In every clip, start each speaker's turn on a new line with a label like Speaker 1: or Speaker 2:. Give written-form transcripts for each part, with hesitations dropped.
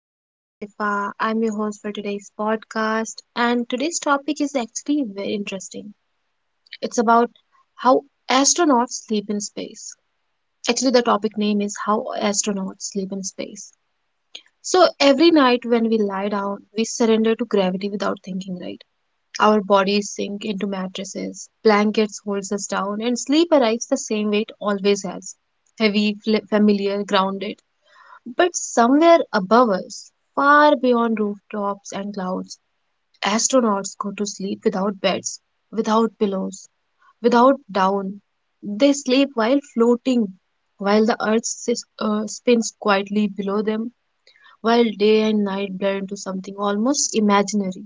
Speaker 1: My name is Shifa. I'm your host for today's podcast. And today's topic is actually very interesting. It's about how astronauts sleep in space. Actually, the topic name is How Astronauts Sleep in Space. So, every night when we lie down, we surrender to gravity without thinking, right? Our bodies sink into mattresses, blankets holds us down, and sleep arrives the same way it always has heavy, familiar, grounded. But somewhere above us, far beyond rooftops and clouds, astronauts go to sleep without beds, without pillows, without down. They sleep while floating, while the earth spins quietly below them, while day and night blur into something almost imaginary.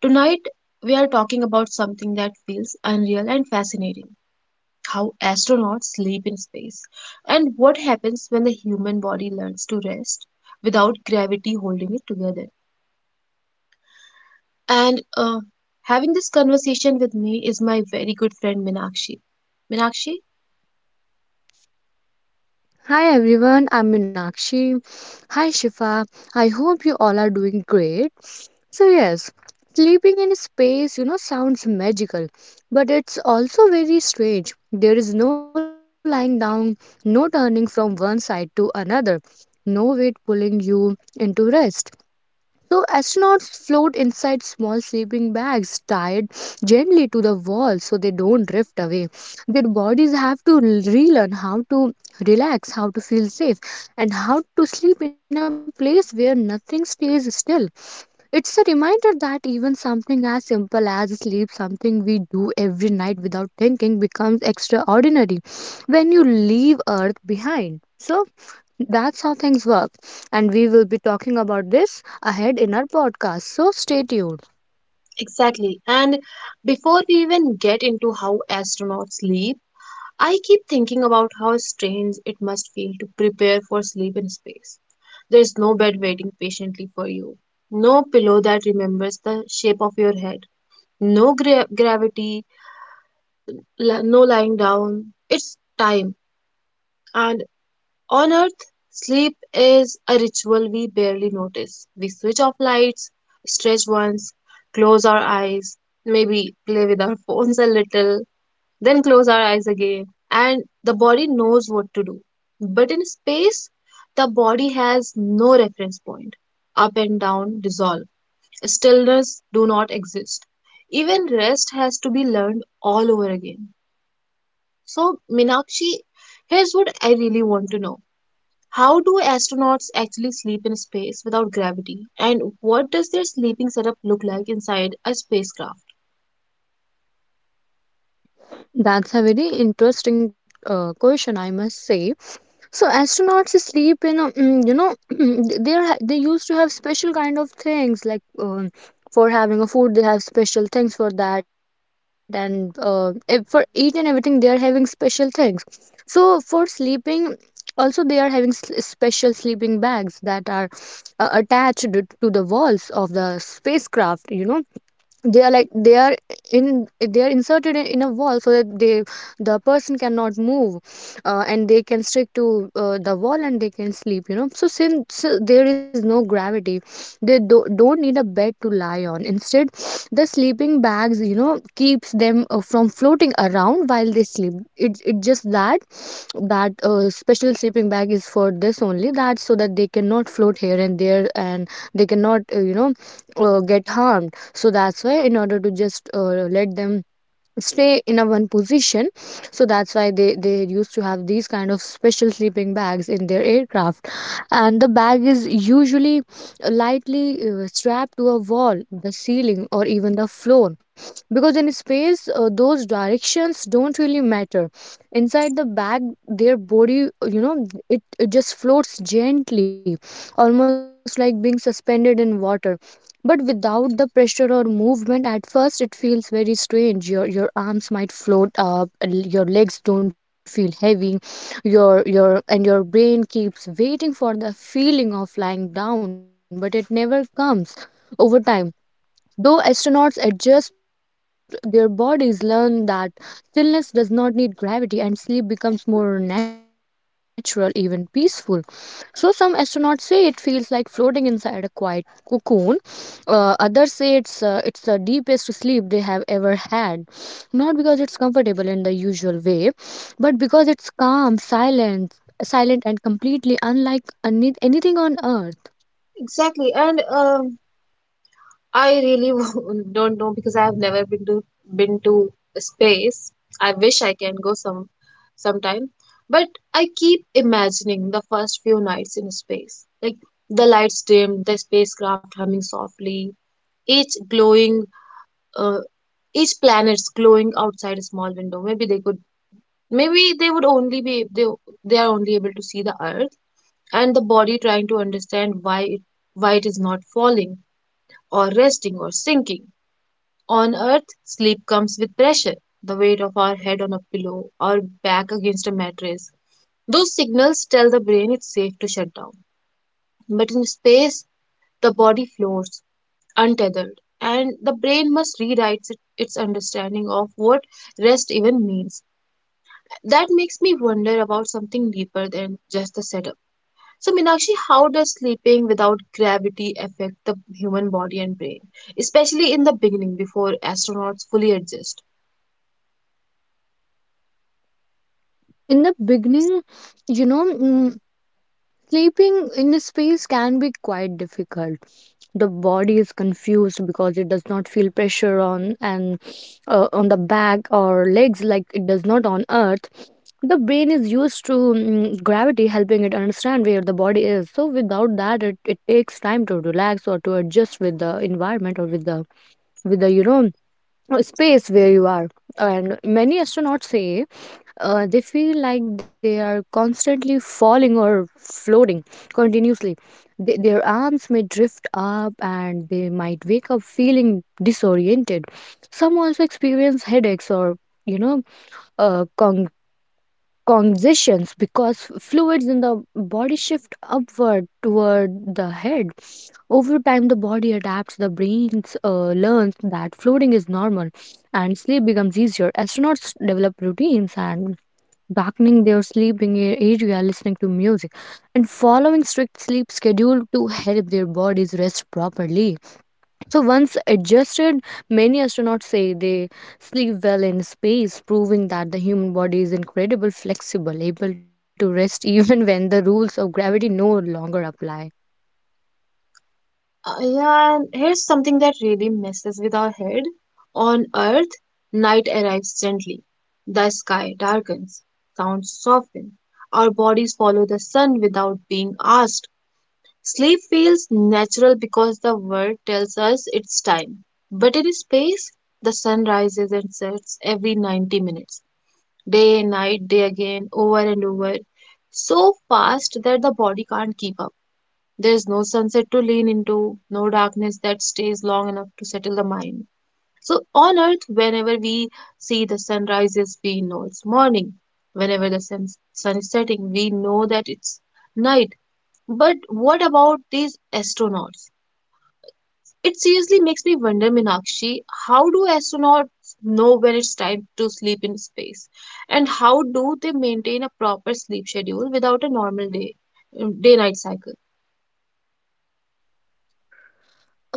Speaker 1: Tonight, we are talking about something that feels unreal and fascinating how astronauts sleep in space, and what happens when the human body learns to rest without gravity holding it together. And Having this conversation with me is my very good friend Minakshi. Minakshi?
Speaker 2: Hi everyone, I'm Meenakshi. Hi Shifa. I hope you all are doing great. So, yes, sleeping in space, sounds magical, but it's also very strange. There is no lying down, no turning from one side to another, no weight pulling you into rest. So astronauts float inside small sleeping bags tied gently to the wall so they don't drift away. Their bodies have to relearn how to relax, how to feel safe, and how to sleep in a place where nothing stays still. It's a reminder that even something as simple as sleep, something we do every night without thinking, becomes extraordinary when you leave Earth behind. So, that's how things work. And we will be talking about this ahead in our podcast. So stay tuned.
Speaker 1: Exactly. And before we even get into how astronauts sleep, I keep thinking about how strange it must feel to prepare for sleep in space. There is no bed waiting patiently for you, no pillow that remembers the shape of your head no gravity, no lying down. It's time. And on Earth, sleep is a ritual we barely notice. We switch off lights, stretch once, close our eyes, maybe play with our phones a little, then close our eyes again. And the body knows what to do. But in space, the body has no reference point. Up and down dissolve. Stillness do not exist. Even rest has to be learned all over again. So, Meenakshi, here's what I really want to know. How do astronauts actually sleep in space without gravity? And what does their sleeping setup look like inside a spacecraft?
Speaker 2: That's a very interesting question, I must say. So astronauts sleep in a, they used to have special kind of things for having a food they have special things for that, and for each and everything they are having special things. So for sleeping also they are having special sleeping bags that are attached to the walls of the spacecraft, you know, they are like they are they are inserted in a wall so that the person cannot move and they can stick to the wall and they can sleep, you know. So since there is no gravity, don't need a bed to lie on. Instead, the sleeping bags, keeps them from floating around while they sleep. It just that that special sleeping bag is for this only, that so that they cannot float here and there, and they cannot get harmed. So that's why, in order to just let them stay in a one position, so that's why they used to have these kind of special sleeping bags in their aircraft. And the bag is usually lightly strapped to a wall, the ceiling, or even the floor, because in space those directions don't really matter. Inside the bag, their body, it just floats gently, almost like being suspended in water, but without the pressure or movement. At first it feels very strange. Your arms might float up, and your legs don't feel heavy. Your brain keeps waiting for the feeling of lying down, but it never comes. Over time, though, astronauts adjust their bodies, learn that stillness does not need gravity, and sleep becomes more natural, even peaceful. So, some astronauts say it feels like floating inside a quiet cocoon. Others say it's the deepest sleep they have ever had. Not because it's comfortable in the usual way, but because it's calm, silent, and completely unlike anything on Earth.
Speaker 1: Exactly, and I really don't know because I have never been to space. I wish I can go sometime, but I keep imagining the first few nights in space, like the lights dim, the spacecraft humming softly, each glowing. Uh, each planet's glowing outside a small window. Maybe they are only able to see the Earth and the body trying to understand why it is not falling or resting or sinking. On Earth, sleep comes with pressure, the weight of our head on a pillow, our back against a mattress. Those signals tell the brain it's safe to shut down. But in space, the body floats untethered, and the brain must its understanding of what rest even means. That makes me wonder about something deeper than just the setup. So, Minakshi, how does sleeping without gravity affect the human body and brain, especially in the beginning before astronauts fully adjust?
Speaker 2: In the beginning, you know, mm, sleeping in a space can be quite difficult. The body is confused because it does not feel pressure on the back or legs like it does not on Earth. The brain is used to gravity helping it understand where the body is. So without that, it takes time to relax or to adjust with the environment or with the space where you are. And many astronauts say they feel like they are constantly falling or floating continuously. Their arms may drift up, and they might wake up feeling disoriented. Some also experience headaches or, you know, uh, con- congestions because fluids in the body shift upward toward the head. Over time, the body adapts, the brain learns that floating is normal, and sleep becomes. Astronauts develop routines, and darkening their area, listening to music, and following strict sleep schedule to help their bodies rest properly. So, once adjusted, many astronauts say they sleep well in space, proving that the human body is incredible, flexible, able to rest even when the rules of gravity no longer apply.
Speaker 1: Yeah, and here's something that really messes with our head. On Earth, night arrives gently. The sky darkens, sounds soften. Our bodies follow the sun without being asked. Sleep feels natural because the world tells us it's time. But in space, the sun rises and sets every 90 minutes. Day night, day again, over and over. So fast that the body can't keep up. There's no sunset to lean into, no darkness that stays long enough to settle the mind. So on Earth, whenever we see the sun rises, we know it's morning. Whenever sun is setting, we know that it's night, but what about these astronauts? It seriously makes me wonder, Minakshi, how do astronauts know when it's time to sleep in space? And how do they maintain a proper sleep schedule without a normal day night cycle?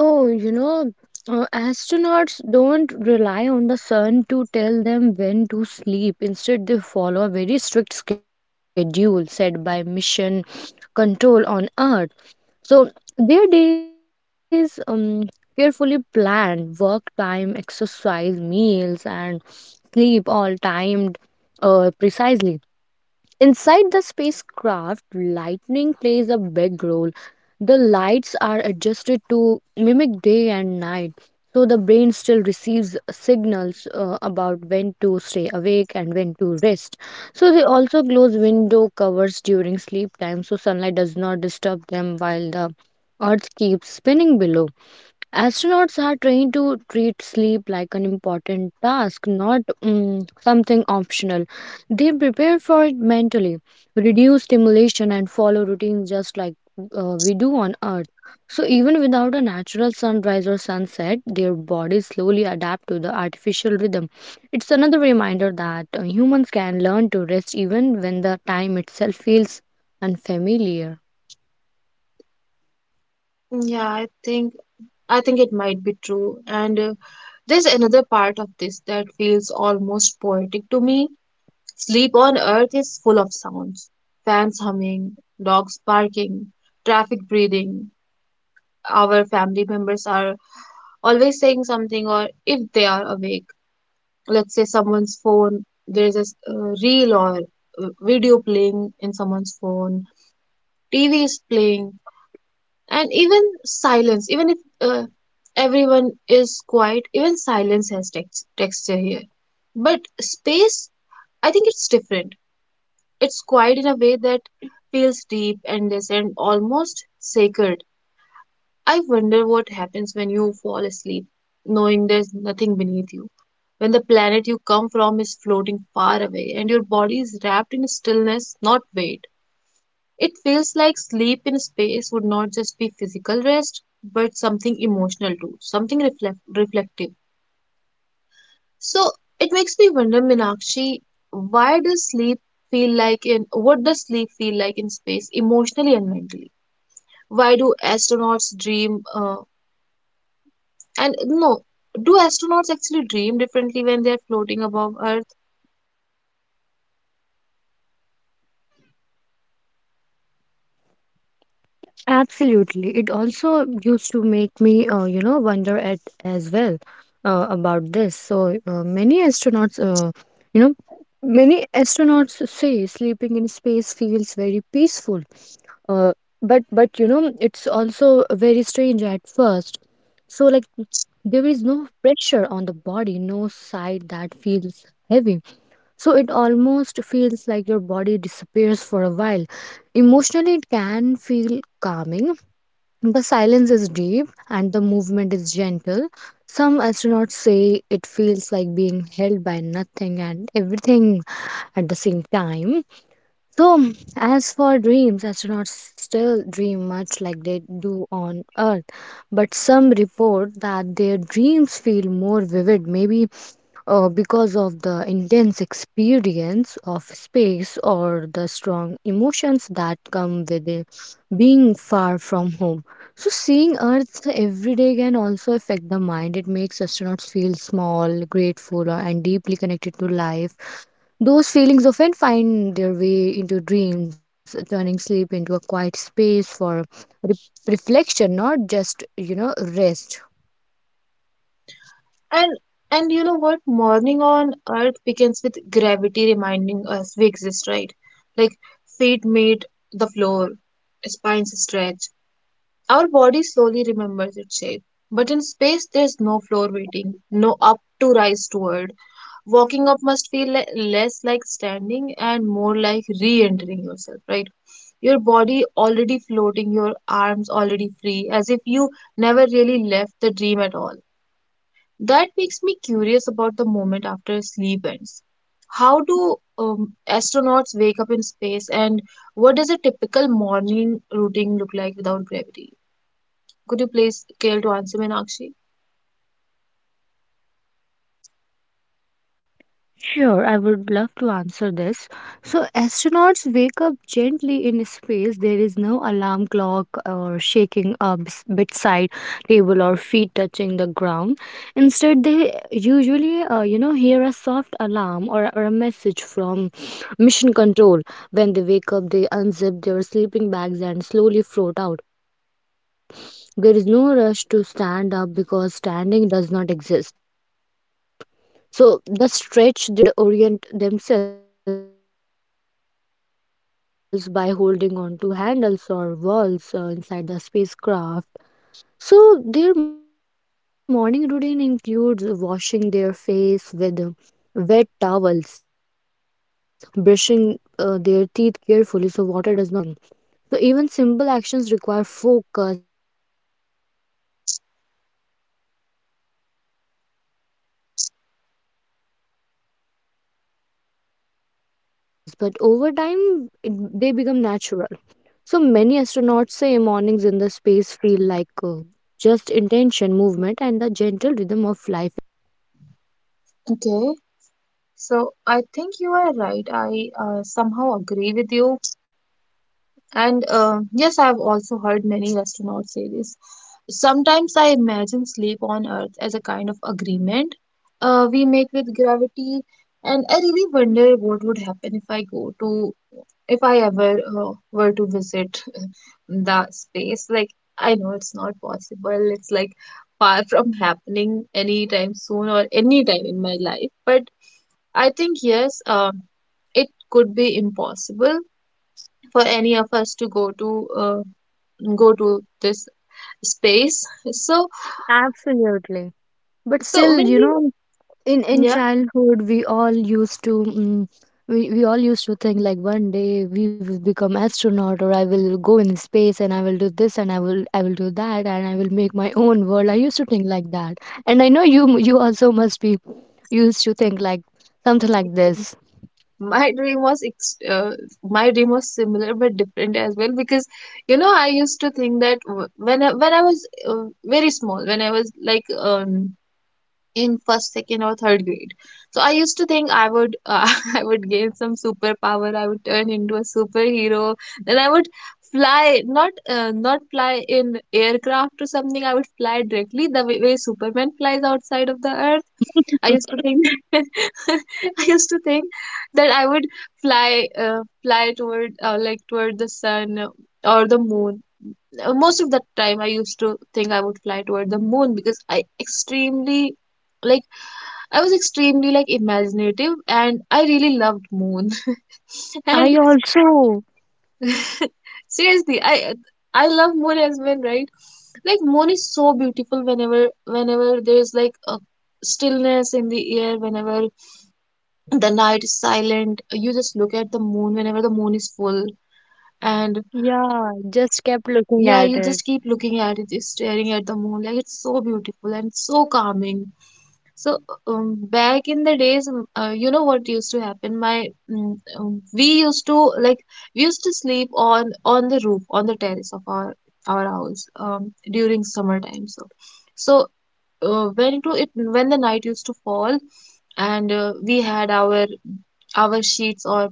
Speaker 2: Oh, astronauts don't rely on the sun to tell them when to sleep. Instead, they follow a very strict schedule set by mission control on Earth. So their days carefully planned, work time, exercise, meals, and sleep all timed precisely. Inside the spacecraft, lightning plays a big role. The lights are adjusted to mimic day and night, so the brain still receives about when to stay awake and when to rest. So they also close window covers during sleep time so sunlight does not disturb them while the Earth keeps spinning below. Astronauts are trained to treat sleep like an important task, not something optional. They prepare for it mentally, reduce stimulation, and follow routines just like we do on Earth. So, even without a natural sunrise or sunset, their bodies slowly adapt to the artificial rhythm. It's another reminder that humans can learn to rest even when the time itself feels unfamiliar.
Speaker 1: Yeah, I think it might be true. And There's another part of this that feels almost poetic to me. Sleep on Earth is full of sounds. Fans humming, dogs barking, traffic breathing, our family members are always saying something or if they are awake, let's say someone's phone, there is a reel or video playing in someone's phone, tv is playing, and even silence, even if everyone is quiet, even silence has texture here. But space, I think it's different. It's quiet in a way that feels deep and this and almost sacred. I wonder what happens when you fall asleep, knowing there's nothing beneath you. When the planet you come from is floating far away and your body is wrapped in stillness, not weight. It feels like sleep in space would not just be physical rest, but something emotional too, something reflective. So it makes me wonder, Minakshi, why does sleep feel like in what does sleep feel like in space, emotionally and mentally? Why do astronauts dream? And no, do astronauts actually dream differently when they're floating above Earth?
Speaker 2: Absolutely. It also used to make me, wonder at as well about this. So you know, many astronauts say sleeping in space feels very peaceful. But it's also very strange at first. So, like, there is no pressure on the body, no side that feels heavy. So it almost feels like your body disappears for a while. Emotionally, it can feel calming. The silence is deep and the movement is gentle. Some astronauts say it feels like being held by nothing and everything at the same time. So, as for dreams, astronauts still dream much like they do on Earth, but some report that their dreams feel more vivid, maybe because of the intense experience of space or the strong emotions that come with it, being far from home. So, seeing Earth every day can also affect the mind. It makes astronauts feel small, grateful, and deeply connected to life. Those feelings often find their way into dreams, turning sleep into a quiet space for re- reflection, not just, rest.
Speaker 1: And and you know what? Morning on Earth begins with gravity reminding us we exist, right? Like feet meet the floor, spines stretch. Our body slowly remembers its shape. But in space, there's no floor waiting, no up to rise toward. Walking up must feel less like standing and more like re entering yourself, right? Your body already floating, your arms already free, as if you never really left the dream at all. That makes me curious about the moment after sleep ends. How do astronauts wake up in space, and what does a typical morning routine look like without gravity? Could you please scale to answer me, Nakshi?
Speaker 2: Sure, I would love to answer this. So, astronauts wake up gently in space. There is no alarm clock or shaking a bedside table or feet touching the ground. Instead, they usually, hear a soft alarm or a message from mission control. When they wake up, they unzip their sleeping bags and slowly float out. There is no rush to stand up because standing does not exist. So, they stretch their body bodies in the air and orient themselves by holding on to handles or walls inside the spacecraft. So, their morning routine includes washing their face with wet towels, brushing their teeth carefully so water does not float away, and preparing breakfast while floating. So, even simple actions require focus, but over time, they become natural. So many astronauts say mornings in the space feel like calm and quiet. There is no gravity pulling them forward into the day, just intention, movement, and the gentle rhythm of life in orbit.
Speaker 1: Okay, so I think you are right. I somehow agree with you. And Yes, I've also heard many astronauts say this. Sometimes I imagine sleep on Earth as a kind of agreement we make with gravity, and I really wonder what would happen if I ever were to visit the space. Like, I know it's not possible, it's like far from happening anytime soon or anytime in my life, but I think, it could be impossible for any of us to go to uh, this space. So
Speaker 2: Absolutely. But
Speaker 1: so when
Speaker 2: still,
Speaker 1: we
Speaker 2: in
Speaker 1: Yeah,
Speaker 2: childhood, we all used to think like one day we will become astronaut, or I will go in space, and I will do this, and I will do that, and I will make my own world. I used to think like that. And I know you also must be used to think like something like this.
Speaker 1: my dream was ex- uh, my dream was similar but different as well because you know I used to think that when I was very small, when I was like in first second or third grade, so I used to think I would I would gain some superpower, I would turn into a superhero, then I would fly, not not fly in aircraft or something, I would fly directly the way, way superman flies outside of the earth. I used to think I used to think that I would fly toward like toward the sun or the moon. Most of the time, I used to think I would fly toward the moon because I extremely like, I was extremely like imaginative and I really loved moon. And
Speaker 2: I also,
Speaker 1: seriously, I love moon as well, right? Like moon is so beautiful, whenever there's like a stillness in the air, whenever the night is silent, you just look at the moon whenever the moon is full. And
Speaker 2: yeah, just kept looking
Speaker 1: yeah,
Speaker 2: at
Speaker 1: you
Speaker 2: it.
Speaker 1: just keep looking at it, just staring at the moon, like it's so beautiful and so calming. So back in the days, you know what used to happen, we used to sleep on the roof, on the terrace of our house during summertime. So so when it when the night used to fall, and we had our sheets or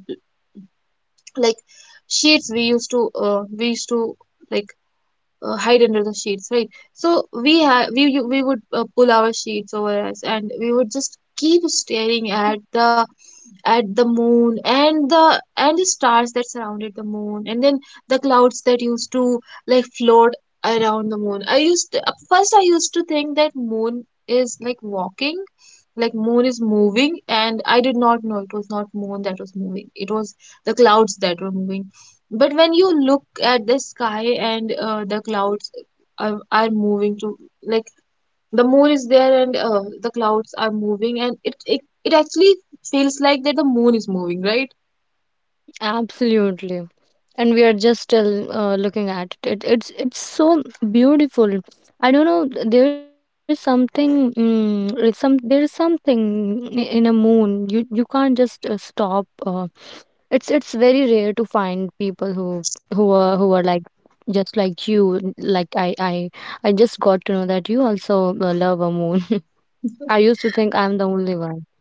Speaker 1: like sheets, we used to like hide under the sheets, right? So we have we u- we would pull our sheets over us, and we would just keep staring at the moon, and the stars that surrounded the moon, and then the clouds that used to like float around the moon. At first I used to think that moon is like walking, like moon is moving, and I did not know it was not moon that was moving, it was the clouds that were moving. But when you look at the sky, and the clouds are moving to, like, the moon is there, and the clouds are moving, and it actually feels like that the moon is moving, right?
Speaker 2: Absolutely. And we are just still looking at it. It's so beautiful. I don't know, there is something mm, it's some there is something in a moon, you can't just stop. It's very rare to find people who are like just like you . I just got to know that you also love a moon. I used to think I'm the only one.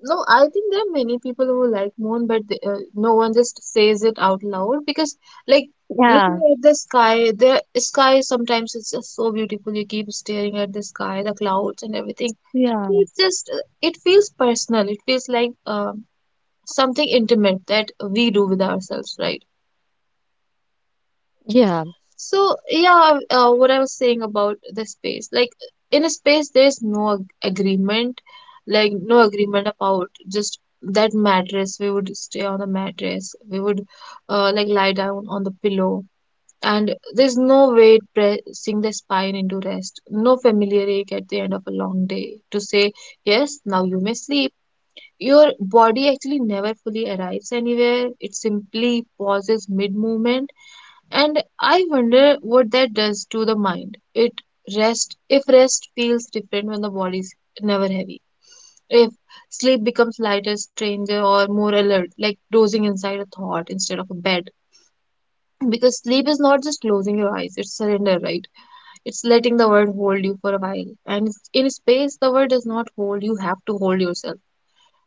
Speaker 1: No, I think there are many people who like moon, but they, no one just says it out loud because like looking
Speaker 2: Yeah,
Speaker 1: at the sky sometimes is just so beautiful. You keep staring at the sky, the clouds and everything.
Speaker 2: yeah,
Speaker 1: It's just it feels personal. It feels like something intimate that we do with ourselves, right?
Speaker 2: yeah.
Speaker 1: So what I was saying about the space, like in a space, there's no agreement, like no agreement about just that mattress. We would stay on the mattress, we would like lie down on the pillow, and there's no weight pressing the spine into rest, no familiar ache at the end of a long day to say, "Yes, now you may sleep." Your body actually never fully arrives anywhere. It simply pauses mid movement. And I wonder what that does to the mind. It rest, if rest feels different when the body's never heavy. If sleep becomes lighter, stranger, or more alert, like dozing inside a thought instead of a bed. Because sleep is not just closing your eyes, it's surrender, right? It's letting the world hold you for a while. And in space, the world does not hold, you have to hold yourself.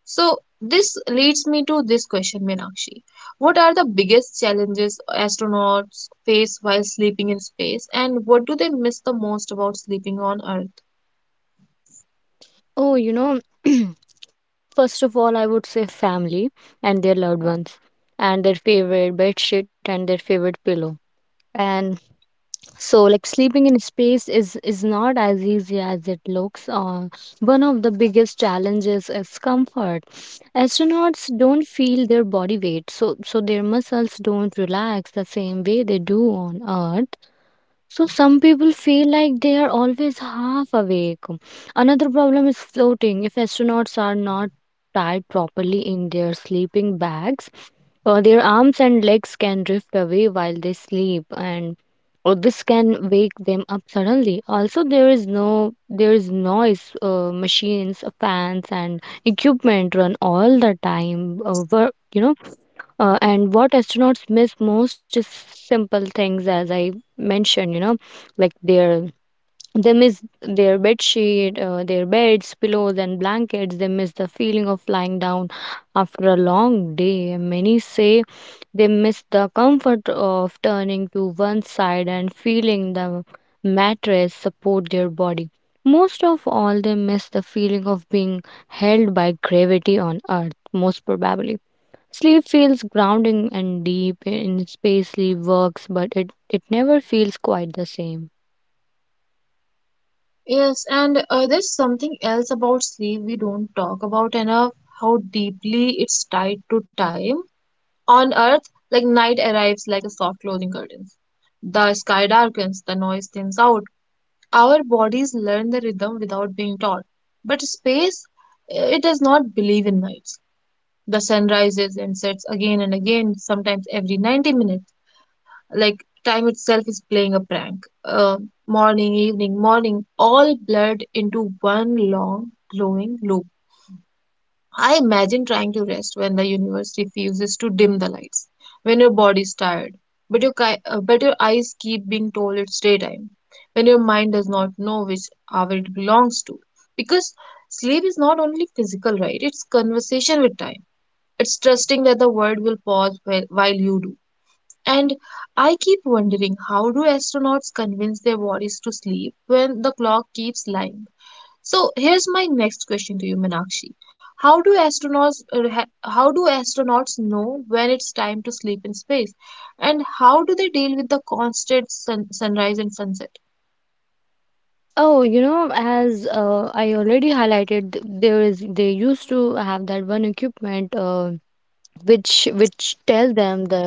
Speaker 1: So this leads me to this question, Meenakshi. What are the biggest challenges astronauts face while sleeping in space, and what do they miss the most about sleeping on Earth?
Speaker 2: Oh, first of all, I would say family and their loved ones, and their favorite bed sheet and their favorite pillow. And so, like, sleeping in space is not as easy as it looks. One of the biggest challenges is comfort. Astronauts don't feel their body weight, so their muscles don't relax the same way they do on Earth. So some people feel like they are always half awake. Another problem is floating. If astronauts are not tied properly in their sleeping bags, their arms and legs can drift away while they sleep and or this can wake them up suddenly. Also, there is no there is noise. Machines, fans and equipment run all the time. And what astronauts miss most is simple things, as I mentioned, you know, like their they miss their bed sheet, their beds, pillows, and blankets. They miss the feeling of lying down after a long day. And many say they miss the comfort of turning to one side and feeling the mattress support their body. Most of all, they miss the feeling of being held by gravity on Earth. Most probably sleep feels grounding and deep. In space, sleep works, but it never feels quite the same.
Speaker 1: Yes, and there's something else about sleep we don't talk about enough, how deeply it's tied to time. On Earth, like night arrives like a soft closing curtain. The sky darkens, the noise thins out, our bodies learn the rhythm without being taught. But space, it does not believe in nights. The sun rises and sets again and again, sometimes every 90 minutes. Like time itself is playing a prank. Morning, evening, morning, all blurred into one long, glowing loop. I imagine trying to rest when the universe refuses to dim the lights, when your body's tired, but but your eyes keep being told it's daytime, when your mind does not know which hour it belongs to. Because sleep is not only physical, right? It's conversation with time. It's trusting that the world will pause while you do. And I keep wondering, how do astronauts convince their bodies to sleep when the clock keeps lying? So here's my next question to you, Meenakshi. How do astronauts how do astronauts know when it's time to sleep in space, and how do they deal with the constant sun, sunrise and sunset?
Speaker 2: Oh, you know, as I already highlighted, there is, they used to have that one equipment, which tell them the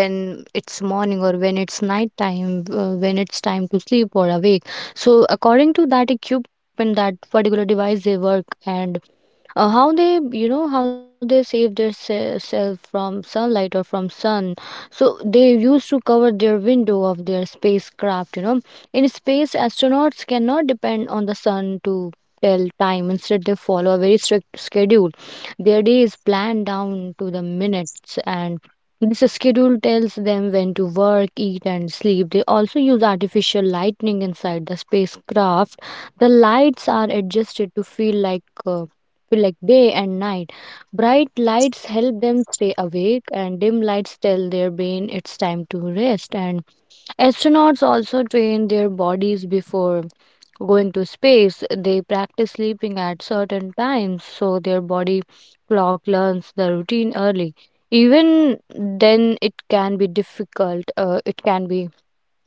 Speaker 2: when it's morning or when it's night time, when it's time to sleep or awake. So according to that equipment, that particular device, they work. And how they, you know, how they save their self from sunlight or from sun, so they used to cover their window of their spacecraft, you know. In space, astronauts cannot depend on the sun to tell time. Instead, they follow a very strict schedule. Their day is planned down to the minutes, and this schedule tells them when to work, eat, and sleep. They also use artificial lightning inside the spacecraft. The lights are adjusted to feel like day and night. Bright lights help them stay awake, and dim lights tell their brain it's time to rest. And astronauts also train their bodies before going to space. They practice sleeping at certain times, so their body clock learns the routine early. Even then, it can be difficult. It can be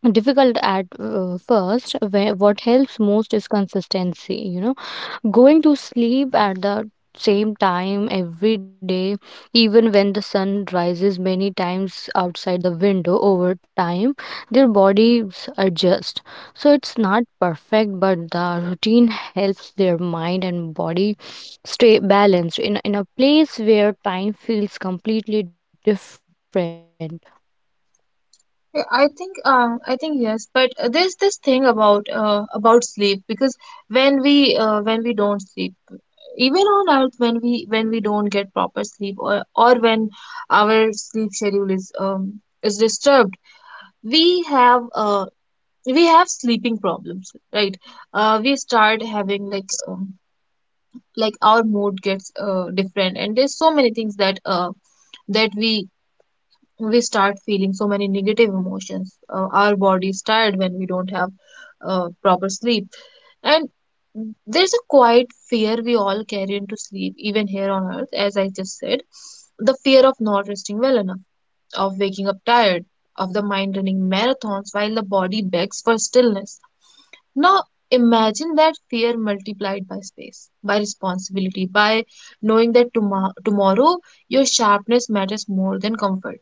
Speaker 2: difficult at first. Where, what helps most is consistency, you know. Going to sleep at the same time every day, even when the sun rises many times outside the window, over time their bodies adjust. So it's not perfect, but the routine helps their mind and body stay balanced in a place where time feels completely different.
Speaker 1: Yeah, I think yes, but there's this thing about sleep because when we don't sleep, even on Earth when we don't get proper sleep or when our sleep schedule is disturbed, we have uh we have sleeping problems, right? We start having like our mood gets different, and there's so many things that that we we start feeling so many negative emotions. Our body is tired when we don't have proper sleep. And there's a quiet fear we all carry into sleep even here on Earth, as I just said, the fear of not resting well enough, of waking up tired, of the mind running marathons while the body begs for stillness. Now imagine that fear multiplied by space, by responsibility, by knowing that tomorrow your sharpness matters more than comfort.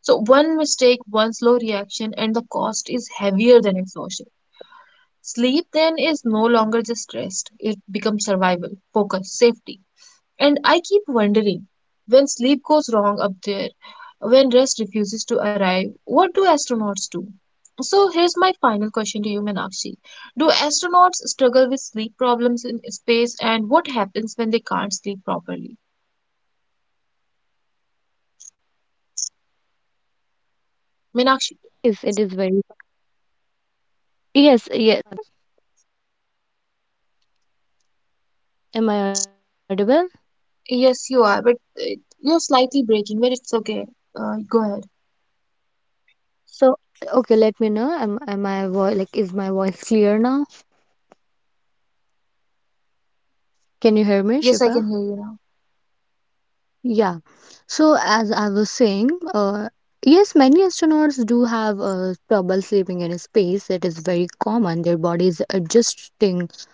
Speaker 1: So, one mistake, one slow reaction, and the cost is heavier than exhaustion. Sleep then is no longer just rest, it becomes survival, focus, safety. And I keep wondering, when sleep goes wrong up there, when rest refuses to arrive, what do astronauts do? So here's my final question to you, Meenakshi. Do astronauts struggle with sleep problems in space, and what happens when they can't sleep properly?
Speaker 2: Yes, many astronauts do have trouble sleeping
Speaker 1: Meenakshi,
Speaker 2: in space. It is very. Yes, yes. Am I audible?
Speaker 1: yes, you are, but you're slightly breaking, but it's okay. Go ahead.
Speaker 2: So, okay, let me know. Am I like, is my voice clear now? Can you hear me,
Speaker 1: Yes, I
Speaker 2: Shifa?
Speaker 1: can hear you now.
Speaker 2: Yeah. So, as I was saying, uh, yes, many astronauts do have trouble sleeping in space. It is common. Their bodies adjusting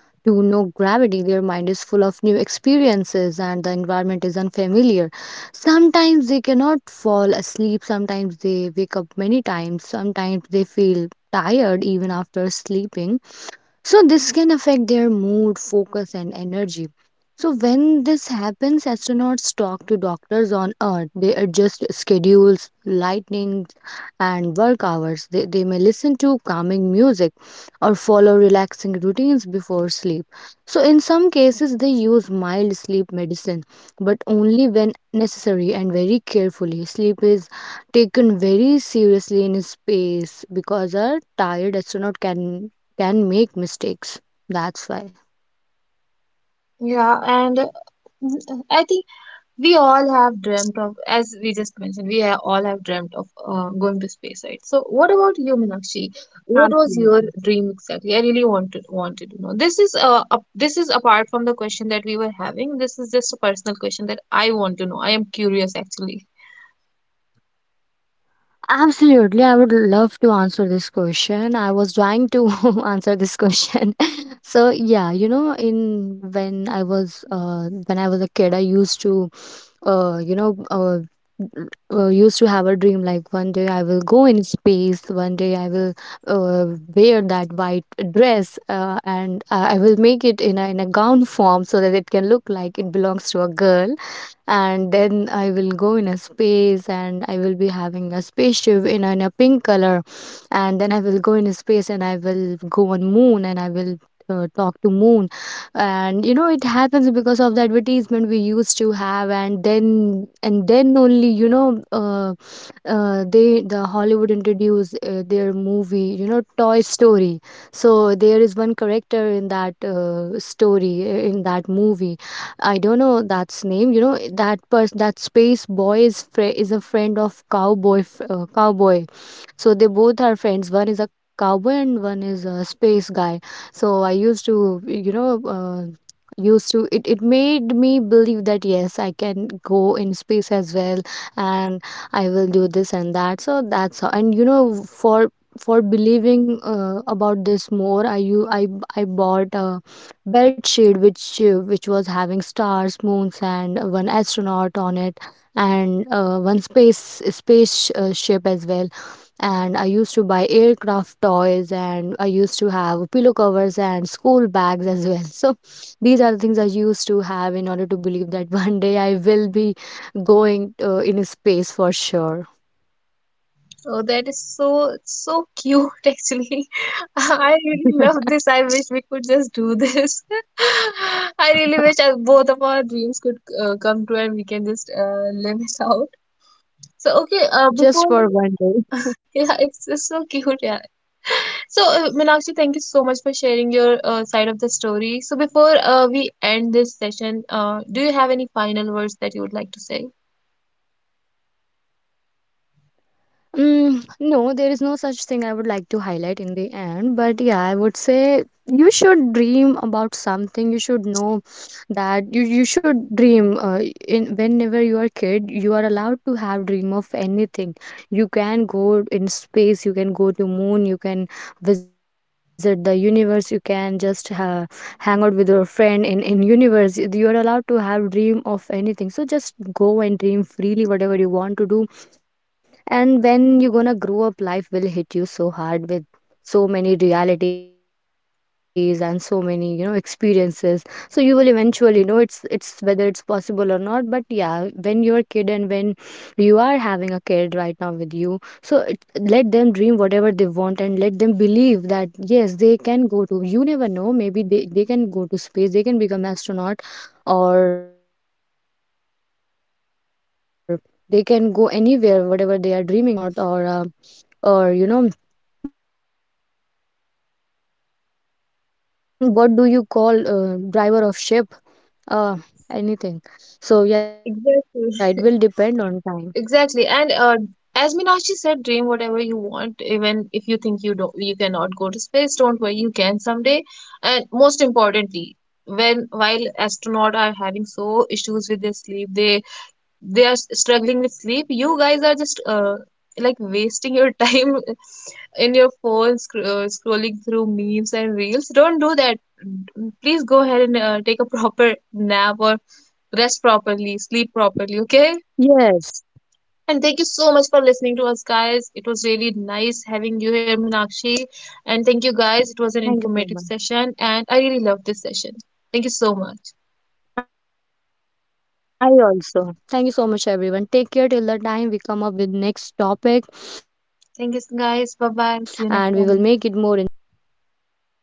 Speaker 2: to no gravity. Their mind is full of new experiences, and the environment is unfamiliar. Sometimes they cannot fall asleep. Sometimes they wake up many times. Sometimes they feel tired even after sleeping. So this can affect their mood, focus, and energy. So when this happens, astronauts talk to doctors on Earth. They adjust schedules, lightnings, and work hours. They may listen to calming music or follow relaxing routines before sleep. So in some cases, they use mild sleep medicine, but only when necessary and very carefully. Sleep is taken very seriously in space because a tired astronaut can make mistakes. That's why.
Speaker 1: Yeah, and I think we all have dreamt of, as we just mentioned, we all have dreamt of going to space, right? So, what about you, Meenakshi? What was
Speaker 2: Absolutely.
Speaker 1: your dream exactly? I really wanted to know. This is this is apart from the question that we were having. This is just a personal question that I want to know. I am curious actually.
Speaker 2: Absolutely, I would love to answer this question. I was trying to answer this question. So yeah, you know, in when I was a kid, I used to uh you know uh, used to have a dream like one day I will go in space, one day I will wear that white dress, and I will make it in a gown form so that it can look like it belongs to a girl. And then I will go in a space and I will be having a spaceship in a pink color. And then I will go in a space and I will go on moon, and I talk to moon. And you know, it happens because of the advertisement we used to have. And then, and then only, the Hollywood introduced their movie, you know, Toy Story. So there is one character in that story in that movie, I don't know that's name. You know that person, that space boy is fri is a friend of cowboy. So they both are friends. One is a cowboy and one is a space guy. So I used to, you know. Used to it, it made me believe that yes, I can go in space as well. And I will do this and that. So that's how. And you know, for believing about this more, I you I bought a bed sheet which was having stars, moons, and one astronaut on it, and one space ship as well. And I used to buy aircraft toys, and I used to have pillow covers and school bags as well. So these are the things I used to have in order to believe that one day I will be going in space for sure.
Speaker 1: Oh, that is so so cute actually. I really love this. I wish we could just do this. I really wish our, both of our dreams could come true and we can just live it out. So okay,
Speaker 2: Just for
Speaker 1: before
Speaker 2: one day.
Speaker 1: yeah, it's so cute, yeah. So Meenakshi, thank you so much for sharing your side of the story. So before we end this session, do you have any final words that you would like to say?
Speaker 2: Mm, no, there is no such thing I would like to highlight in the end, but yeah, I would say you should dream about something. You should know that you should dream. In whenever you are a kid, you are allowed to have dream of anything. You can go in space. You can go to moon. You can visit the universe. You can just hang out with your friend in universe. You are allowed to have dream of anything. So just go and dream freely, whatever you want to do. And when you're gonna grow up, life will hit you so hard with so many realities and so many, you know, experiences. So you will eventually know it's whether it's possible or not. But yeah, when you're a kid, and when you are having a kid right now with you, so it, let them dream whatever they want, and let them believe that yes, they can go to, you never know, maybe they can go to space, they can become astronaut, or they can go anywhere, whatever they are dreaming right now, whether to become a pilot, or an astronaut, or a, or, you know, what do you call, driver of ship, uh I don't know the position name. But yeah, you can become
Speaker 1: Exactly.
Speaker 2: anything. So yeah, it will
Speaker 1: Exactly. And
Speaker 2: depend on time.
Speaker 1: as Meenakshi said, dream whatever you want. Even if you think you don't, you cannot go to space. Don't worry, you can someday. And most importantly, when while astronauts are having so issues with their sleep, they they are struggling with sleep, you guys are just like wasting your time in your phone scrolling through memes and reels, don't do that. Mm, please go ahead and take a proper nap or rest properly, sleep properly, okay. And thank you so much for
Speaker 2: Yes,
Speaker 1: listening to us guys, it was really nice having you here, Meenakshi. And thank you guys, it was an informative session and I really
Speaker 2: thank you
Speaker 1: loved
Speaker 2: so
Speaker 1: this
Speaker 2: much.
Speaker 1: session. Thank you so much.
Speaker 2: I also thank you so much, everyone. Take care till the time we come up with next topic,
Speaker 1: Thank
Speaker 2: and
Speaker 1: you
Speaker 2: we will make
Speaker 1: guys,
Speaker 2: it
Speaker 1: bye
Speaker 2: more
Speaker 1: bye, see you
Speaker 2: interesting,
Speaker 1: next
Speaker 2: and we
Speaker 1: time.
Speaker 2: will share our experience as well.